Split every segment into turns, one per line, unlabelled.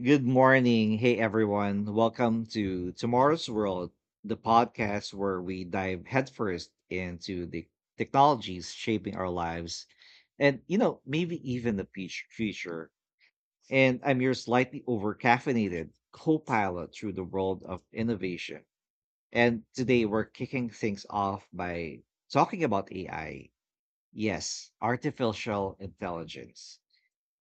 Good morning. Hey, everyone. Welcome to Tomorrow's World, the podcast where we dive headfirst into the technologies shaping our lives and maybe even the future. And I'm your slightly overcaffeinated co pilot through the world of innovation. And today we're kicking things off by talking about AI. Yes, artificial intelligence.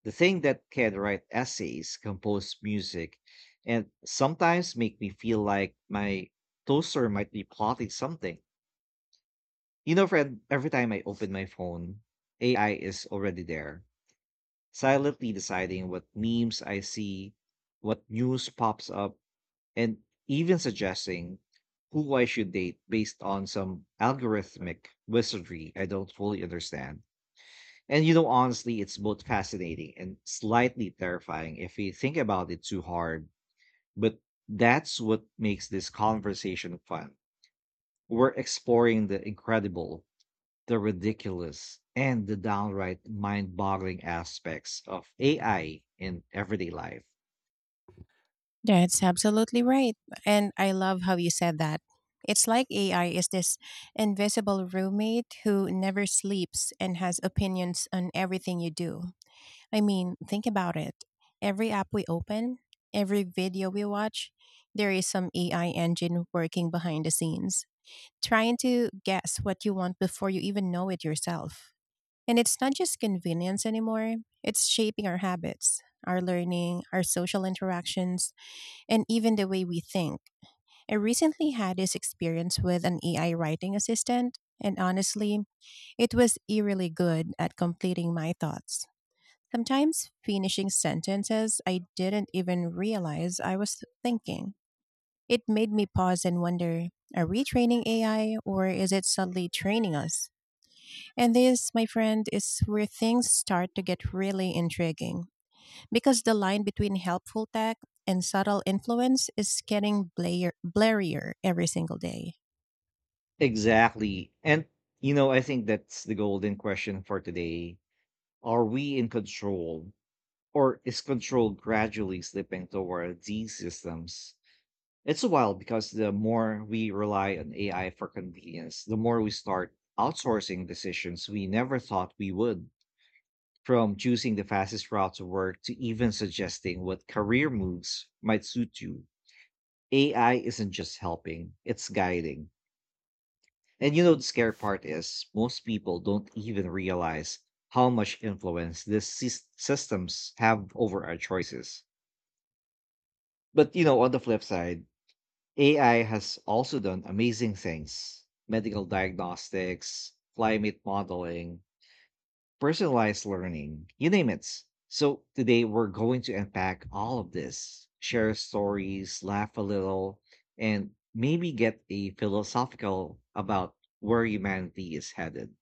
The thing that can write essays, compose music, and sometimes make me feel like my toaster might be plotting something. You know, friend, every time I open my phone, AI is already there, silently deciding what memes I see, what news pops up, and even suggesting who I should date based on some algorithmic wizardry I don't fully understand. And honestly, it's both fascinating and slightly terrifying if we think about it too hard. But that's what makes this conversation fun. We're exploring the incredible, the ridiculous, and the downright mind boggling aspects of AI in everyday life.
That's absolutely right. And I love how you said that. It's like AI is this invisible roommate who never sleeps and has opinions on everything you do. I mean, think about it. Every app we open, every video we watch, there is some AI engine working behind the scenes, trying to guess what you want before you even know it yourself. And it's not just convenience anymore, it's shaping our habits, our learning, our social interactions and even the way we think. I recently had this experience with an AI writing assistant, and honestly, it was eerily good at completing my thoughts. Sometimes finishing sentences I didn't even realize I was thinking. It made me pause and wonder: are we training AI, or is it subtly training us? And this, my friend, is where things start to get really intriguing, because the line between helpful tech and subtle influence is getting blurrier every single day.
Exactly. And I think that's the golden question for today. Are we in control, or is control gradually slipping toward these systems? It's wild because the more we rely on AI for convenience, the more we start outsourcing decisions we never thought we would. From choosing the fastest route to work to even suggesting what career moves might suit you. AI isn't just helping, it's guiding. And the scary part is most people don't even realize how much influence these systems have over our choices. But on the flip side, AI has also done amazing things medical diagnostics, climate modeling, personalized learning, you name it. So, today we're going to unpack all of this, share stories, laugh a little, and maybe get a philosophical about where humanity is headed.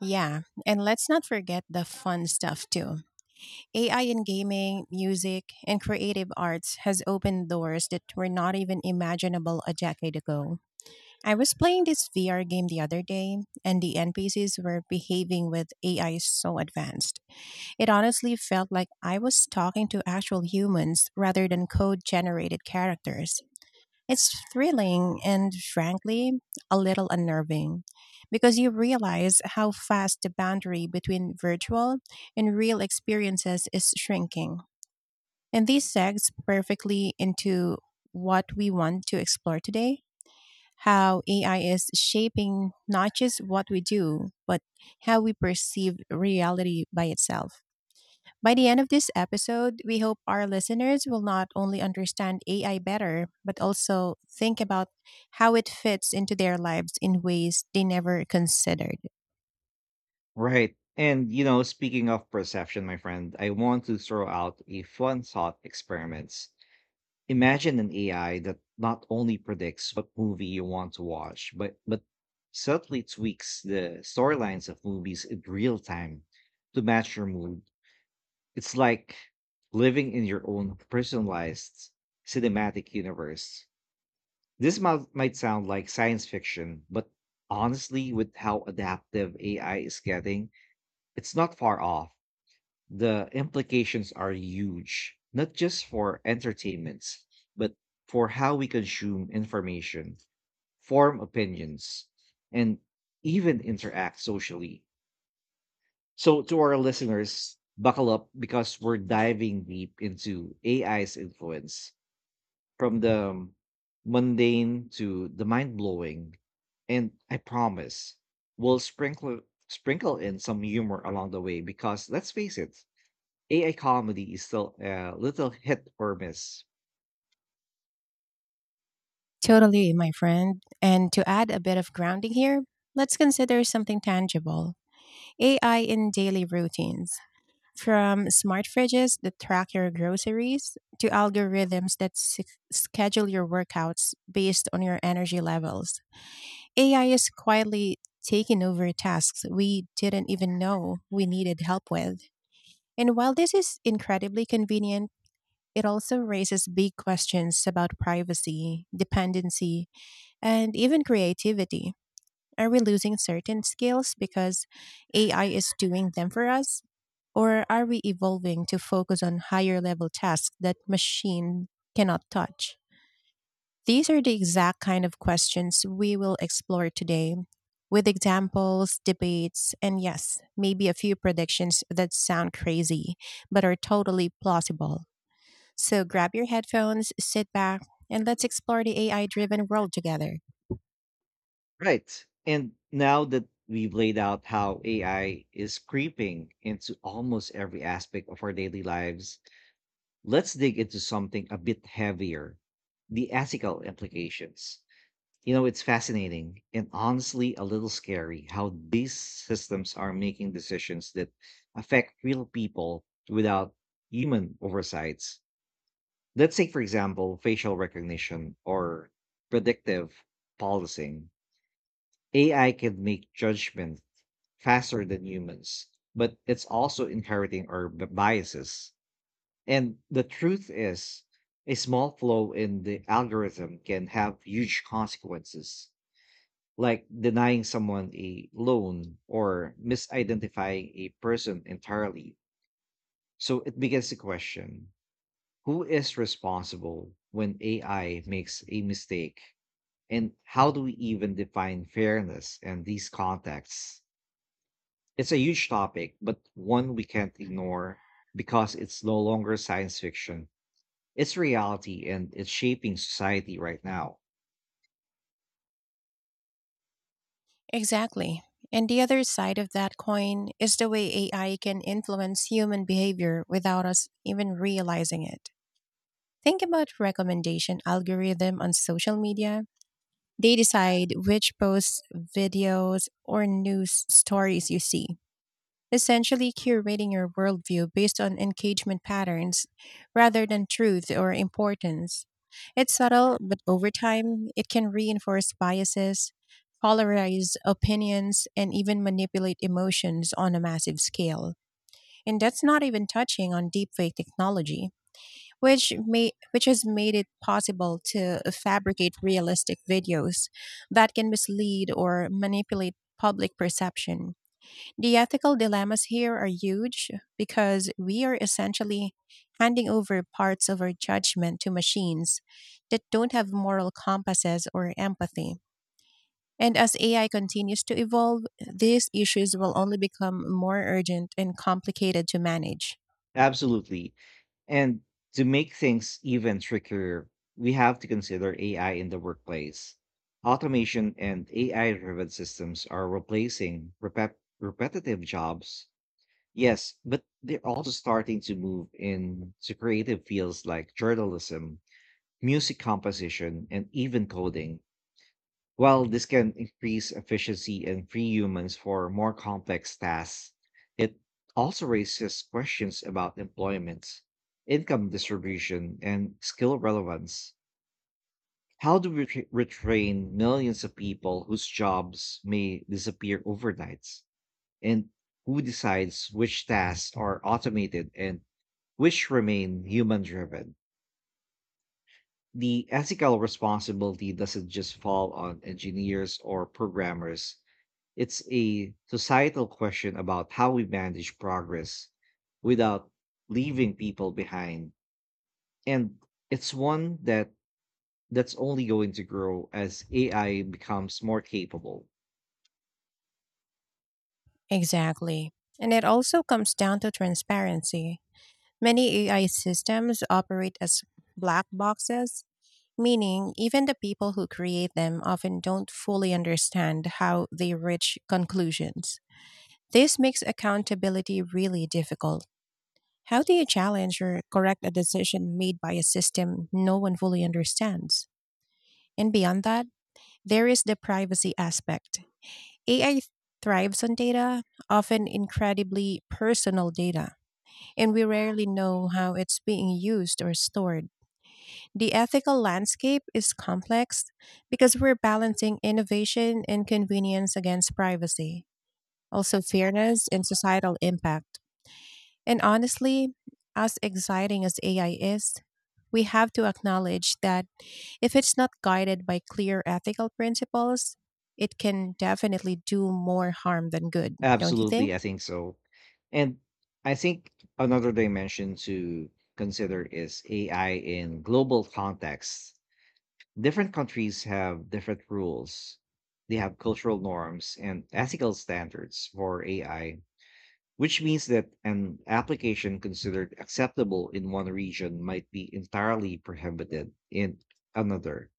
Yeah, and let's not forget the fun stuff too. AI in gaming, music, and creative arts has opened doors that were not even imaginable a decade ago. I was playing this VR game the other day, and the NPCs were behaving with AI so advanced. It honestly felt like I was talking to actual humans rather than code generated characters. It's thrilling and frankly a little unnerving because you realize how fast the boundary between virtual and real experiences is shrinking. And this segs perfectly into what we want to explore today: how AI is shaping not just what we do, but how we perceive reality by itself. By the end of this episode, we hope our listeners will not only understand AI better, but also think about how it fits into their lives in ways they never considered.
Right. And speaking of perception, my friend, I want to throw out a fun thought experiment. Imagine an AI that not only predicts what movie you want to watch, but subtly tweaks the storylines of movies in real time to match your mood. It's like living in your own personalized cinematic universe. This might sound like science fiction, but honestly, with how adaptive AI is getting, it's not far off. The implications are huge, not just for entertainments, but for how we consume information, form opinions, and even interact socially. So, to our listeners, buckle up because we're diving deep into AI's influence from the mundane to the mind blowing. And I promise we'll sprinkle in some humor along the way because let's face it, AI comedy is still a little hit or miss.
Totally, my friend. And to add a bit of grounding here, let's consider something tangible: AI in daily routines. From smart fridges that track your groceries to algorithms that schedule your workouts based on your energy levels. AI is quietly taking over tasks we didn't even know we needed help with. And while this is incredibly convenient, it also raises big questions about privacy, dependency, and even creativity. Are we losing certain skills because AI is doing them for us? Or are we evolving to focus on higher level tasks that machine cannot touch? These are the exact kind of questions we will explore today, with examples, debates, and yes, maybe a few predictions that sound crazy, but are totally plausible. So grab your headphones, sit back, and let's explore the AI driven world together.
Right. And now that we've laid out how AI is creeping into almost every aspect of our daily lives, let's dig into something a bit heavier: the ethical implications. You know, it's fascinating and honestly a little scary how these systems are making decisions that affect real people without human oversights. Let's say, for example, facial recognition or predictive policing. AI can make judgment faster than humans, but it's also inheriting our biases. And the truth is, a small flaw in the algorithm can have huge consequences, like denying someone a loan or misidentifying a person entirely. So it begins to question: who is responsible when AI makes a mistake? And how do we even define fairness in these contexts? It's a huge topic, but one we can't ignore because it's no longer science fiction. It's reality, and it's shaping society right now.
Exactly. And the other side of that coin is the way AI can influence human behavior without us even realizing it. Think about recommendation algorithm on social media. They decide which posts, videos, or news stories you see, essentially curating your worldview based on engagement patterns rather than truth or importance. It's subtle, but over time, it can reinforce biases, polarize opinions, and even manipulate emotions on a massive scale. And that's not even touching on deepfake technology, which has made it possible to fabricate realistic videos that can mislead or manipulate public perception. The ethical dilemmas here are huge because we are essentially handing over parts of our judgment to machines that don't have moral compasses or empathy. And as AI continues to evolve, these issues will only become more urgent and complicated to manage.
Absolutely. And to make things even trickier, we have to consider AI in the workplace. Automation and AI driven systems are replacing repetitive jobs. Yes, but they're also starting to move into creative fields like journalism, music composition, and even coding. While this can increase efficiency and free humans for more complex tasks, it also raises questions about employment, income distribution, and skill relevance. How do we retrain millions of people whose jobs may disappear overnight? And who decides which tasks are automated and which remain human driven? The ethical responsibility doesn't just fall on engineers or programmers. It's a societal question about how we manage progress without leaving people behind. And it's one that's only going to grow as AI becomes more capable.
Exactly. And it also comes down to transparency. Many AI systems operate as black boxes, meaning even the people who create them often don't fully understand how they reach conclusions. This makes accountability really difficult. How do you challenge or correct a decision made by a system no one fully understands? And beyond that, there is the privacy aspect. AI thrives on data, often incredibly personal data, and we rarely know how it's being used or stored. The ethical landscape is complex because we're balancing innovation and convenience against privacy, also fairness and societal impact. And honestly, as exciting as AI is, we have to acknowledge that if it's not guided by clear ethical principles, it can definitely do more harm than good, don't you think?
Absolutely, I think so. And I think another dimension to consider is AI in global contexts. Different countries have different rules. They have cultural norms and ethical standards for AI, which means that an application considered acceptable in one region might be entirely prohibited in another.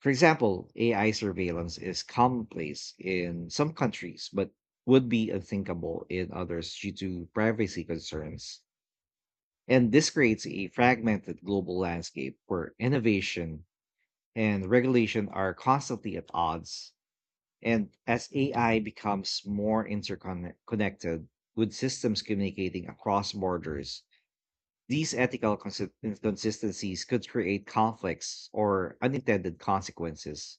For example, AI surveillance is commonplace in some countries, but would be unthinkable in others due to privacy concerns. And this creates a fragmented global landscape where innovation and regulation are constantly at odds. And as AI becomes more interconnected, with systems communicating across borders, these ethical inconsistencies could create conflicts or unintended consequences.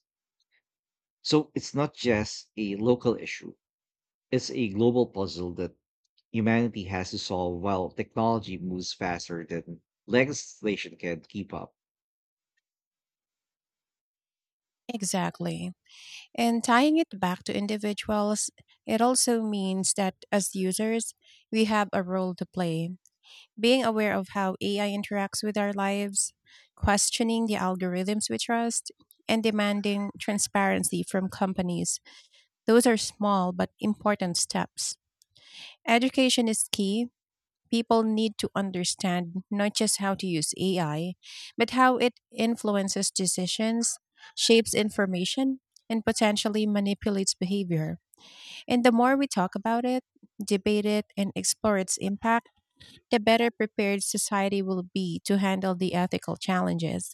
So it's not just a local issue, it's a global puzzle that humanity has to solve while technology moves faster than legislation can keep up.
Exactly. And tying it back to individuals, it also means that as users, we have a role to play. Being aware of how AI interacts with our lives, questioning the algorithms we trust, and demanding transparency from companies: those are small but important steps. Education is key. People need to understand not just how to use AI, but how it influences decisions, shapes information, and potentially manipulates behavior. And the more we talk about it, debate it, and explore its impact, the better prepared society will be to handle the ethical challenges.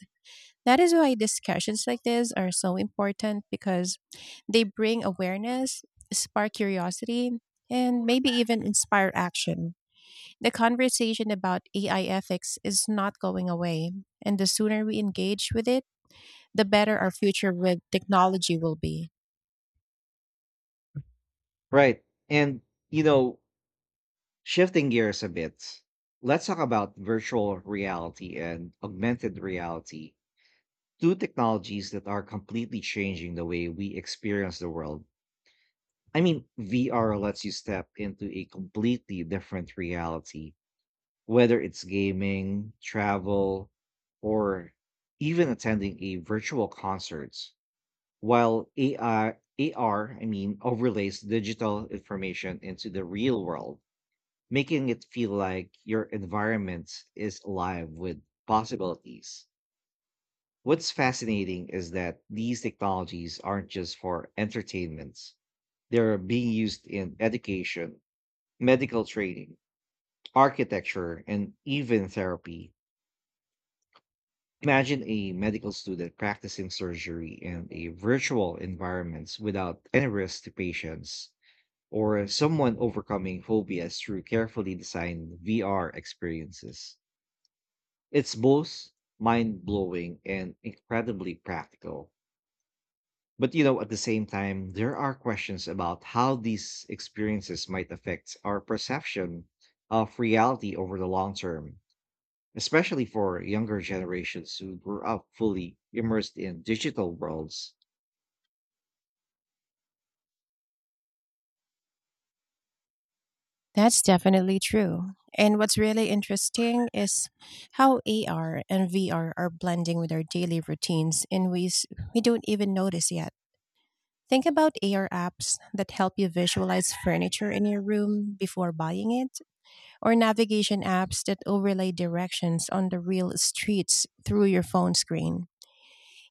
That is why discussions like this are so important, because they bring awareness, spark curiosity, and maybe even inspire action. The conversation about AI ethics is not going away, and the sooner we engage with it, the better our future with technology will be.
Right. And, you know, shifting gears a bit, let's talk about virtual reality and augmented reality, two technologies that are completely changing the way we experience the world. I mean, VR lets you step into a completely different reality, whether it's gaming, travel, or even attending a virtual concert, while AR, I mean, overlays digital information into the real world, making it feel like your environment is alive with possibilities. What's fascinating is that these technologies aren't just for entertainment. They're being used in education, medical training, architecture, and even therapy. Imagine a medical student practicing surgery in a virtual environment without any risk to patients, or someone overcoming phobias through carefully designed VR experiences. It's both mind blowing and incredibly practical. But you know, at the same time, there are questions about how these experiences might affect our perception of reality over the long term, especially for younger generations who grew up fully immersed in digital worlds.
That's definitely true. And what's really interesting is how AR and VR are blending with our daily routines in ways we don't even notice yet. Think about AR apps that help you visualize furniture in your room before buying it, or navigation apps that overlay directions on the real streets through your phone screen.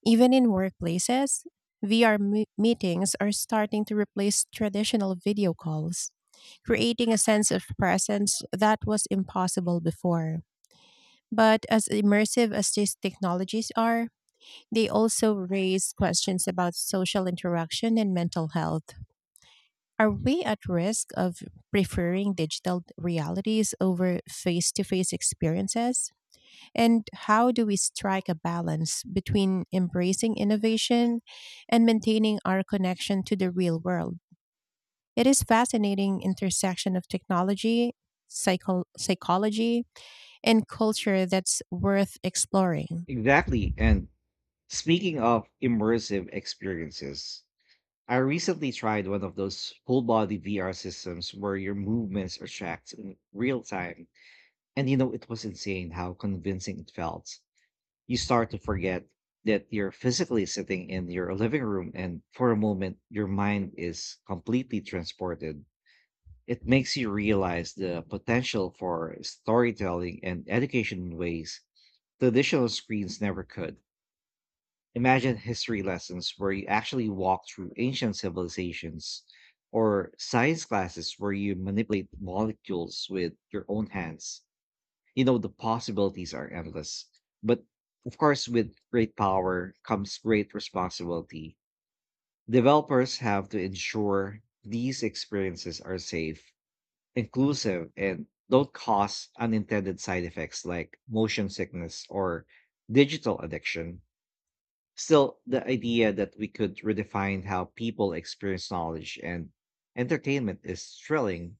Even in workplaces, VR meetings are starting to replace traditional video calls, creating a sense of presence that was impossible before. But as immersive as these technologies are, they also raise questions about social interaction and mental health. Are we at risk of preferring digital realities over face to face experiences? And how do we strike a balance between embracing innovation and maintaining our connection to the real world? It is fascinating intersection of technology, psychology, and culture that's worth exploring.
Exactly. And speaking of immersive experiences, I recently tried one of those full body VR systems where your movements are tracked in real time. And you know, it was insane how convincing it felt. You start to forget that you're physically sitting in your living room, and for a moment, your mind is completely transported. It makes you realize the potential for storytelling and education in ways traditional screens never could. Imagine history lessons where you actually walk through ancient civilizations, or science classes where you manipulate molecules with your own hands. You know, the possibilities are endless. But of course, with great power comes great responsibility. Developers have to ensure these experiences are safe, inclusive, and don't cause unintended side effects like motion sickness or digital addiction. Still, the idea that we could redefine how people experience knowledge and entertainment is thrilling.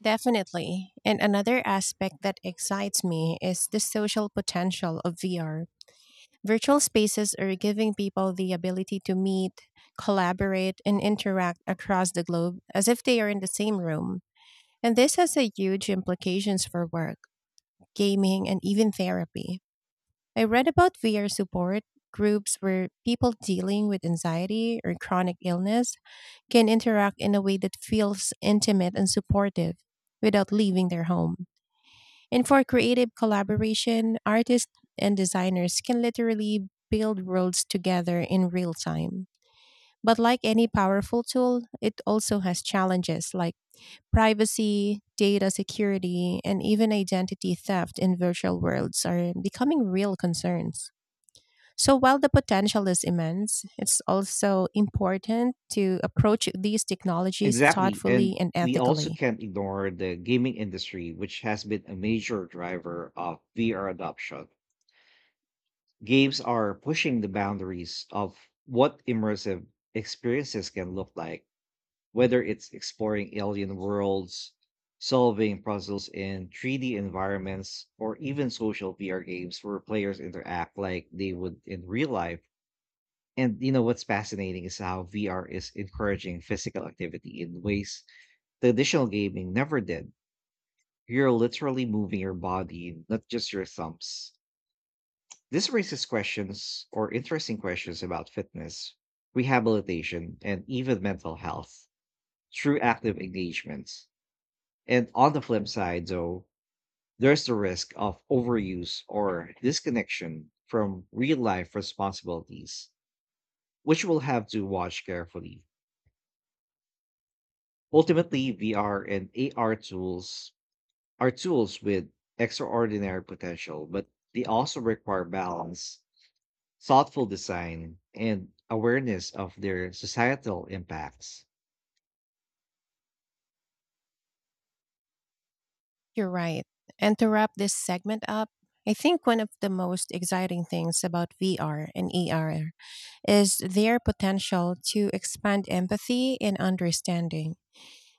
Definitely. And another aspect that excites me is the social potential of VR. Virtual spaces are giving people the ability to meet, collaborate, and interact across the globe as if they are in the same room. And this has a huge implications for work, gaming, and even therapy. I read about VR support groups where people dealing with anxiety or chronic illness can interact in a way that feels intimate and supportive without leaving their home. And for creative collaboration, artists and designers can literally build worlds together in real time. But like any powerful tool, it also has challenges. Like privacy, data security, and even identity theft in virtual worlds are becoming real concerns. So while the potential is immense, it's also important to approach these technologies
Exactly.
thoughtfully
And
and
we also
ethically.
can't ignore the gaming industry, which has been a major driver of VR adoption. Games are pushing the boundaries of what immersive experiences can look like, whether it's exploring alien worlds, solving puzzles in 3D environments, or even social VR games where players interact like they would in real life. And you know what's fascinating is how VR is encouraging physical activity in ways traditional gaming never did. You're literally moving your body, not just your thumbs. This raises questions, or interesting questions, about fitness, rehabilitation, and even mental health through active engagement. And on the flip side, though, there's the risk of overuse or disconnection from real life responsibilities, which we'll have to watch carefully. Ultimately, VR and AR tools are tools with extraordinary potential, but they also require balance, thoughtful design, and awareness of their societal impacts.
You're right. And to wrap this segment up, I think one of the most exciting things about VR and ER is their potential to expand empathy and understanding.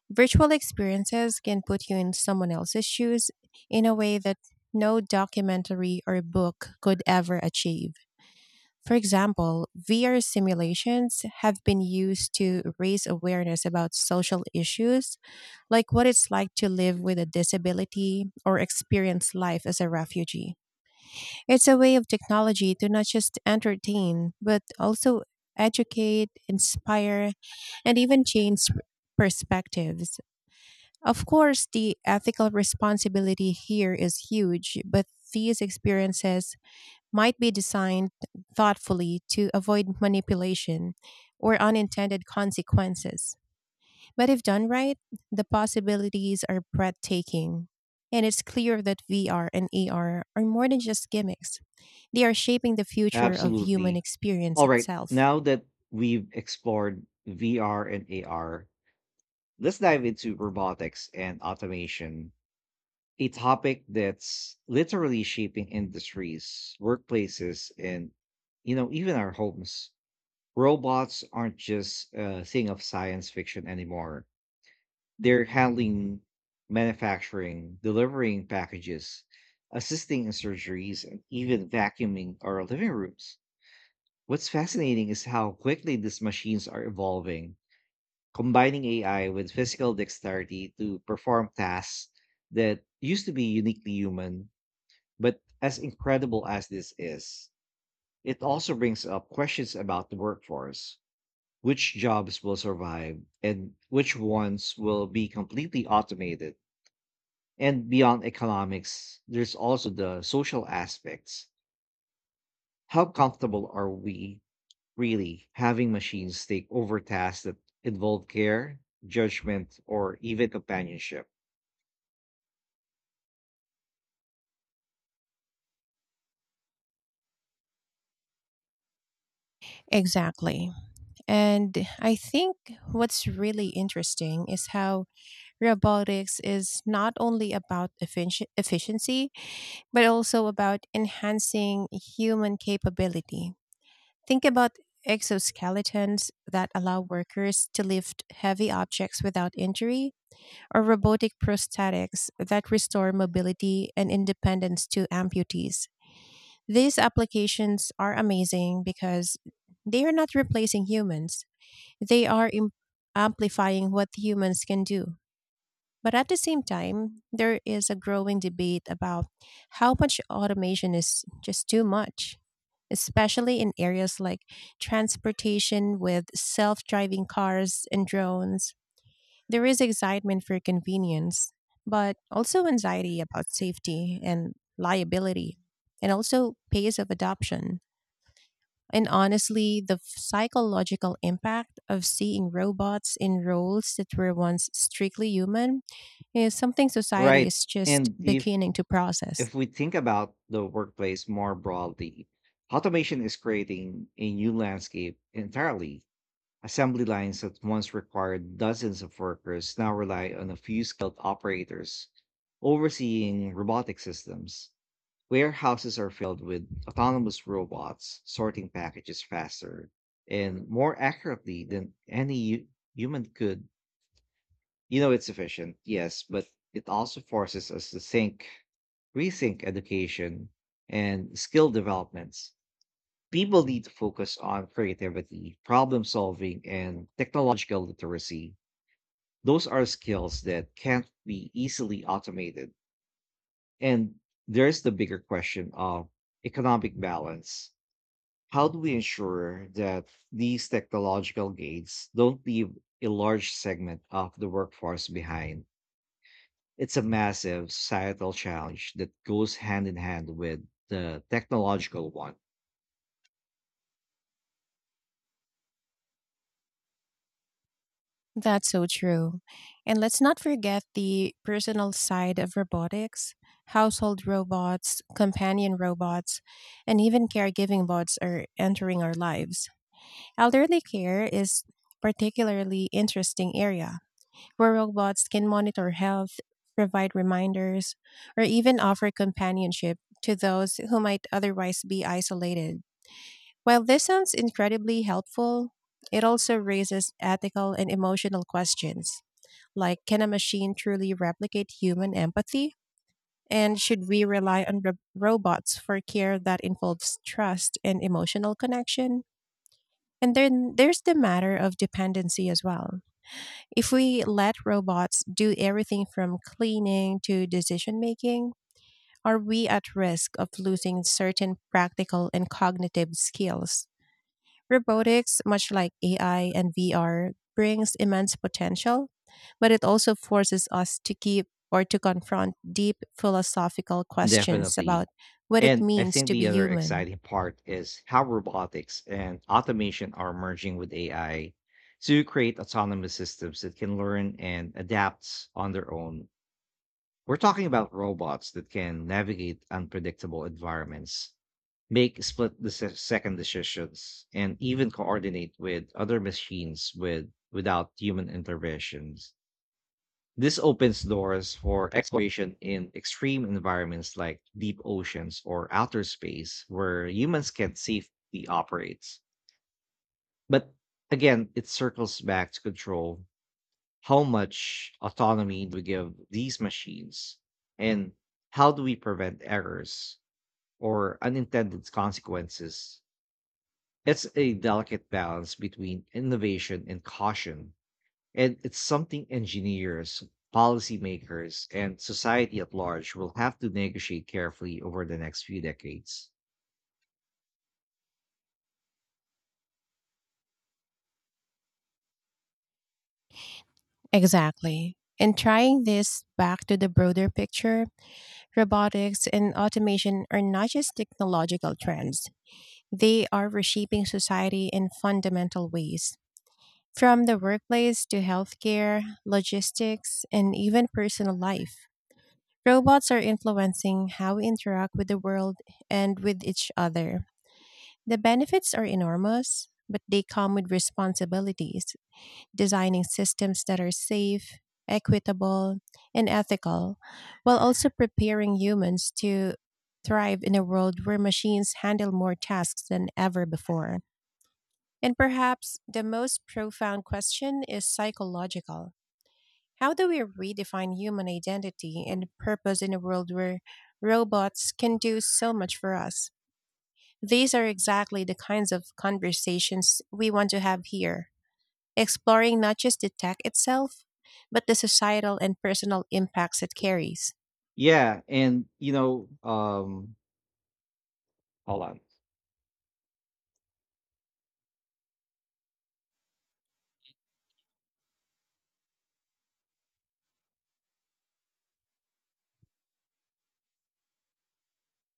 Virtual experiences can put you in someone else's shoes in a way that no documentary or book could ever achieve. For example, VR simulations have been used to raise awareness about social issues, like what it's like to live with a disability or experience life as a refugee. It's a way of technology to not just entertain, but also educate, inspire, and even change perspectives. Of course, the ethical responsibility here is huge, but these experiences might be designed thoughtfully to avoid manipulation or unintended consequences. But if done right, the possibilities are breathtaking. And it's clear that VR and AR are more than just gimmicks, they are shaping the future of human
Absolutely.
experience
All right.
itself.
Now that we've explored VR and AR, let's dive into robotics and automation, a topic that's literally shaping industries, workplaces, and even our homes. Robots aren't just a thing of science fiction anymore. They're handling manufacturing, delivering packages, assisting in surgeries, and even vacuuming our living rooms. What's fascinating is how quickly these machines are evolving, combining AI with physical dexterity to perform tasks that used to be uniquely human. But as incredible as this is, it also brings up questions about the workforce. Which jobs will survive and which ones will be completely automated? And beyond economics, there's also the social aspects. How comfortable are we really having machines take over tasks that involve care, judgment, or even companionship?
Exactly. And I think what's really interesting is how robotics is not only about efficiency, but also about enhancing human capability. Think about exoskeletons that allow workers to lift heavy objects without injury, or robotic prosthetics that restore mobility and independence to amputees. These applications are amazing because they are not replacing humans, they are amplifying what humans can do. But at the same time, there is a growing debate about how much automation is just too much, especially in areas like transportation with self driving cars and drones. There is excitement for convenience, but also anxiety about safety and liability, and also pace of adoption. And honestly, the psychological impact of seeing robots in roles that were once strictly human is something society
Right.
is just
And if
beginning to process.
if we think about the workplace more broadly, automation is creating a new landscape entirely. Assembly lines that once required dozens of workers now rely on a few skilled operators overseeing robotic systems. Warehouses are filled with autonomous robots sorting packages faster and more accurately than any human could. You know, it's efficient, yes, but it also forces us to think, rethink education and skill developments. People need to focus on creativity, problem solving, and technological literacy. Those are skills that can't be easily automated. And there's the bigger question of economic balance. How do we ensure that these technological gains don't leave a large segment of the workforce behind? It's a massive societal challenge that goes hand in hand with the technological one.
That's so true. And let's not forget the personal side of robotics. Household robots, companion robots, and even caregiving bots are entering our lives. Elderly care is particularly interesting area where robots can monitor health, provide reminders, or even offer companionship to those who might otherwise be isolated. While this sounds incredibly helpful, it also raises ethical and emotional questions, like can a machine truly replicate human empathy? And should we rely on robots for care that involves trust and emotional connection? And then there's the matter of dependency as well. If we let robots do everything from cleaning to decision making, are we at risk of losing certain practical and cognitive skills? Robotics, much like AI and VR, brings immense potential, but it also forces us to keep or to confront deep philosophical questions
Definitely.
about what it
And I
means
think
to be
the other
human.
exciting part is how robotics and automation are merging with AI to create autonomous systems that can learn and adapt on their own. We're talking about robots that can navigate unpredictable environments, make split the second decisions, and even coordinate with other machines without human intervention. This opens doors for exploration in extreme environments like deep oceans or outer space where humans can safely operate. But again, it circles back to control. How much autonomy do we give these machines? And how do we prevent errors or unintended consequences? It's a delicate balance between innovation and caution, and it's something engineers, policymakers, and society at large will have to negotiate carefully over the next few decades.
Exactly. And trying this back to the broader picture, robotics and automation are not just technological trends, they are reshaping society in fundamental ways. From the workplace to healthcare, logistics, and even personal life, robots are influencing how we interact with the world and with each other. The benefits are enormous, but they come with responsibilities: designing systems that are safe, equitable, and ethical, while also preparing humans to thrive in a world where machines handle more tasks than ever before. And perhaps the most profound question is psychological. How do we redefine human identity and purpose in a world where robots can do so much for us? These are exactly the kinds of conversations we want to have here, exploring not just the tech itself, but the societal and personal impacts it carries.
Yeah, hold on.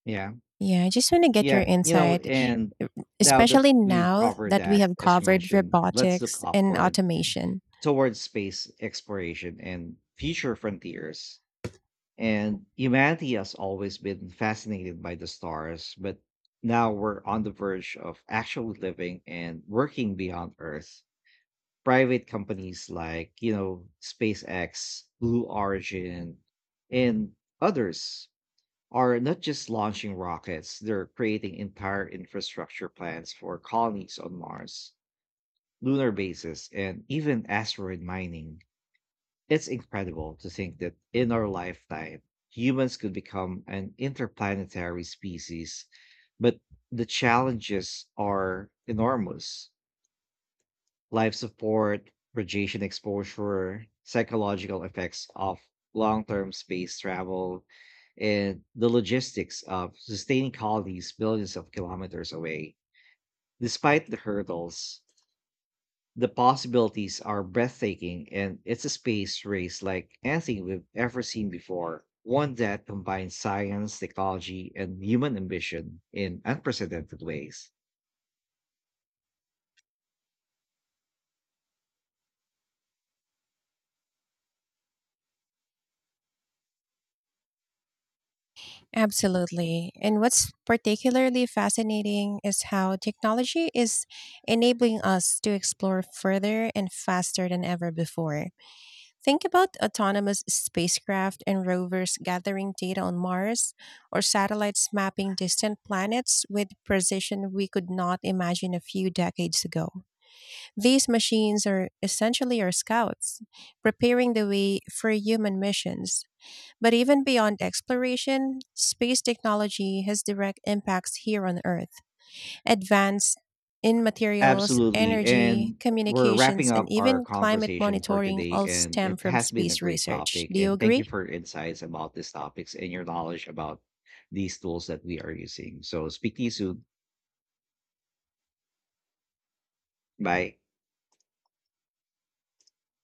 Yeah,
Yeah, I just want to get your
yeah,
insight,
and now that
especially
we've
now
covered
that we
that,
have
as you
covered
mentioned, let's look
robotics and
upward
automation.
towards space exploration and future frontiers. And humanity has always been fascinated by the stars, but now we're on the verge of actually living and working beyond Earth. Private companies like SpaceX, Blue Origin, and others are not just launching rockets, they're creating entire infrastructure plans for colonies on Mars, lunar bases, and even asteroid mining. It's incredible to think that in our lifetime, humans could become an interplanetary species, but the challenges are enormous. Life support, radiation exposure, psychological effects of long term space travel, and the logistics of sustaining colonies billions of kilometers away. Despite the hurdles, the possibilities are breathtaking, and it's a space race like anything we've ever seen before, one that combines science, technology, and human ambition in unprecedented ways.
Absolutely. And what's particularly fascinating is how technology is enabling us to explore further and faster than ever before. Think about autonomous spacecraft and rovers gathering data on Mars, or satellites mapping distant planets with precision we could not imagine a few decades ago. These machines are essentially our scouts, preparing the way for human missions. But even beyond exploration, space technology has direct impacts here on Earth. Advanced in materials,
Absolutely.
energy,
And we're wrapping
communications, and
up our
even climate
conversation for
monitoring
today,
all
and
stem
it
from
has been a
space
great
research.
topic.
Do you
And thank
agree?
you for your insights about these topics and your knowledge about these tools that we are using. So, speak to you soon. Bye.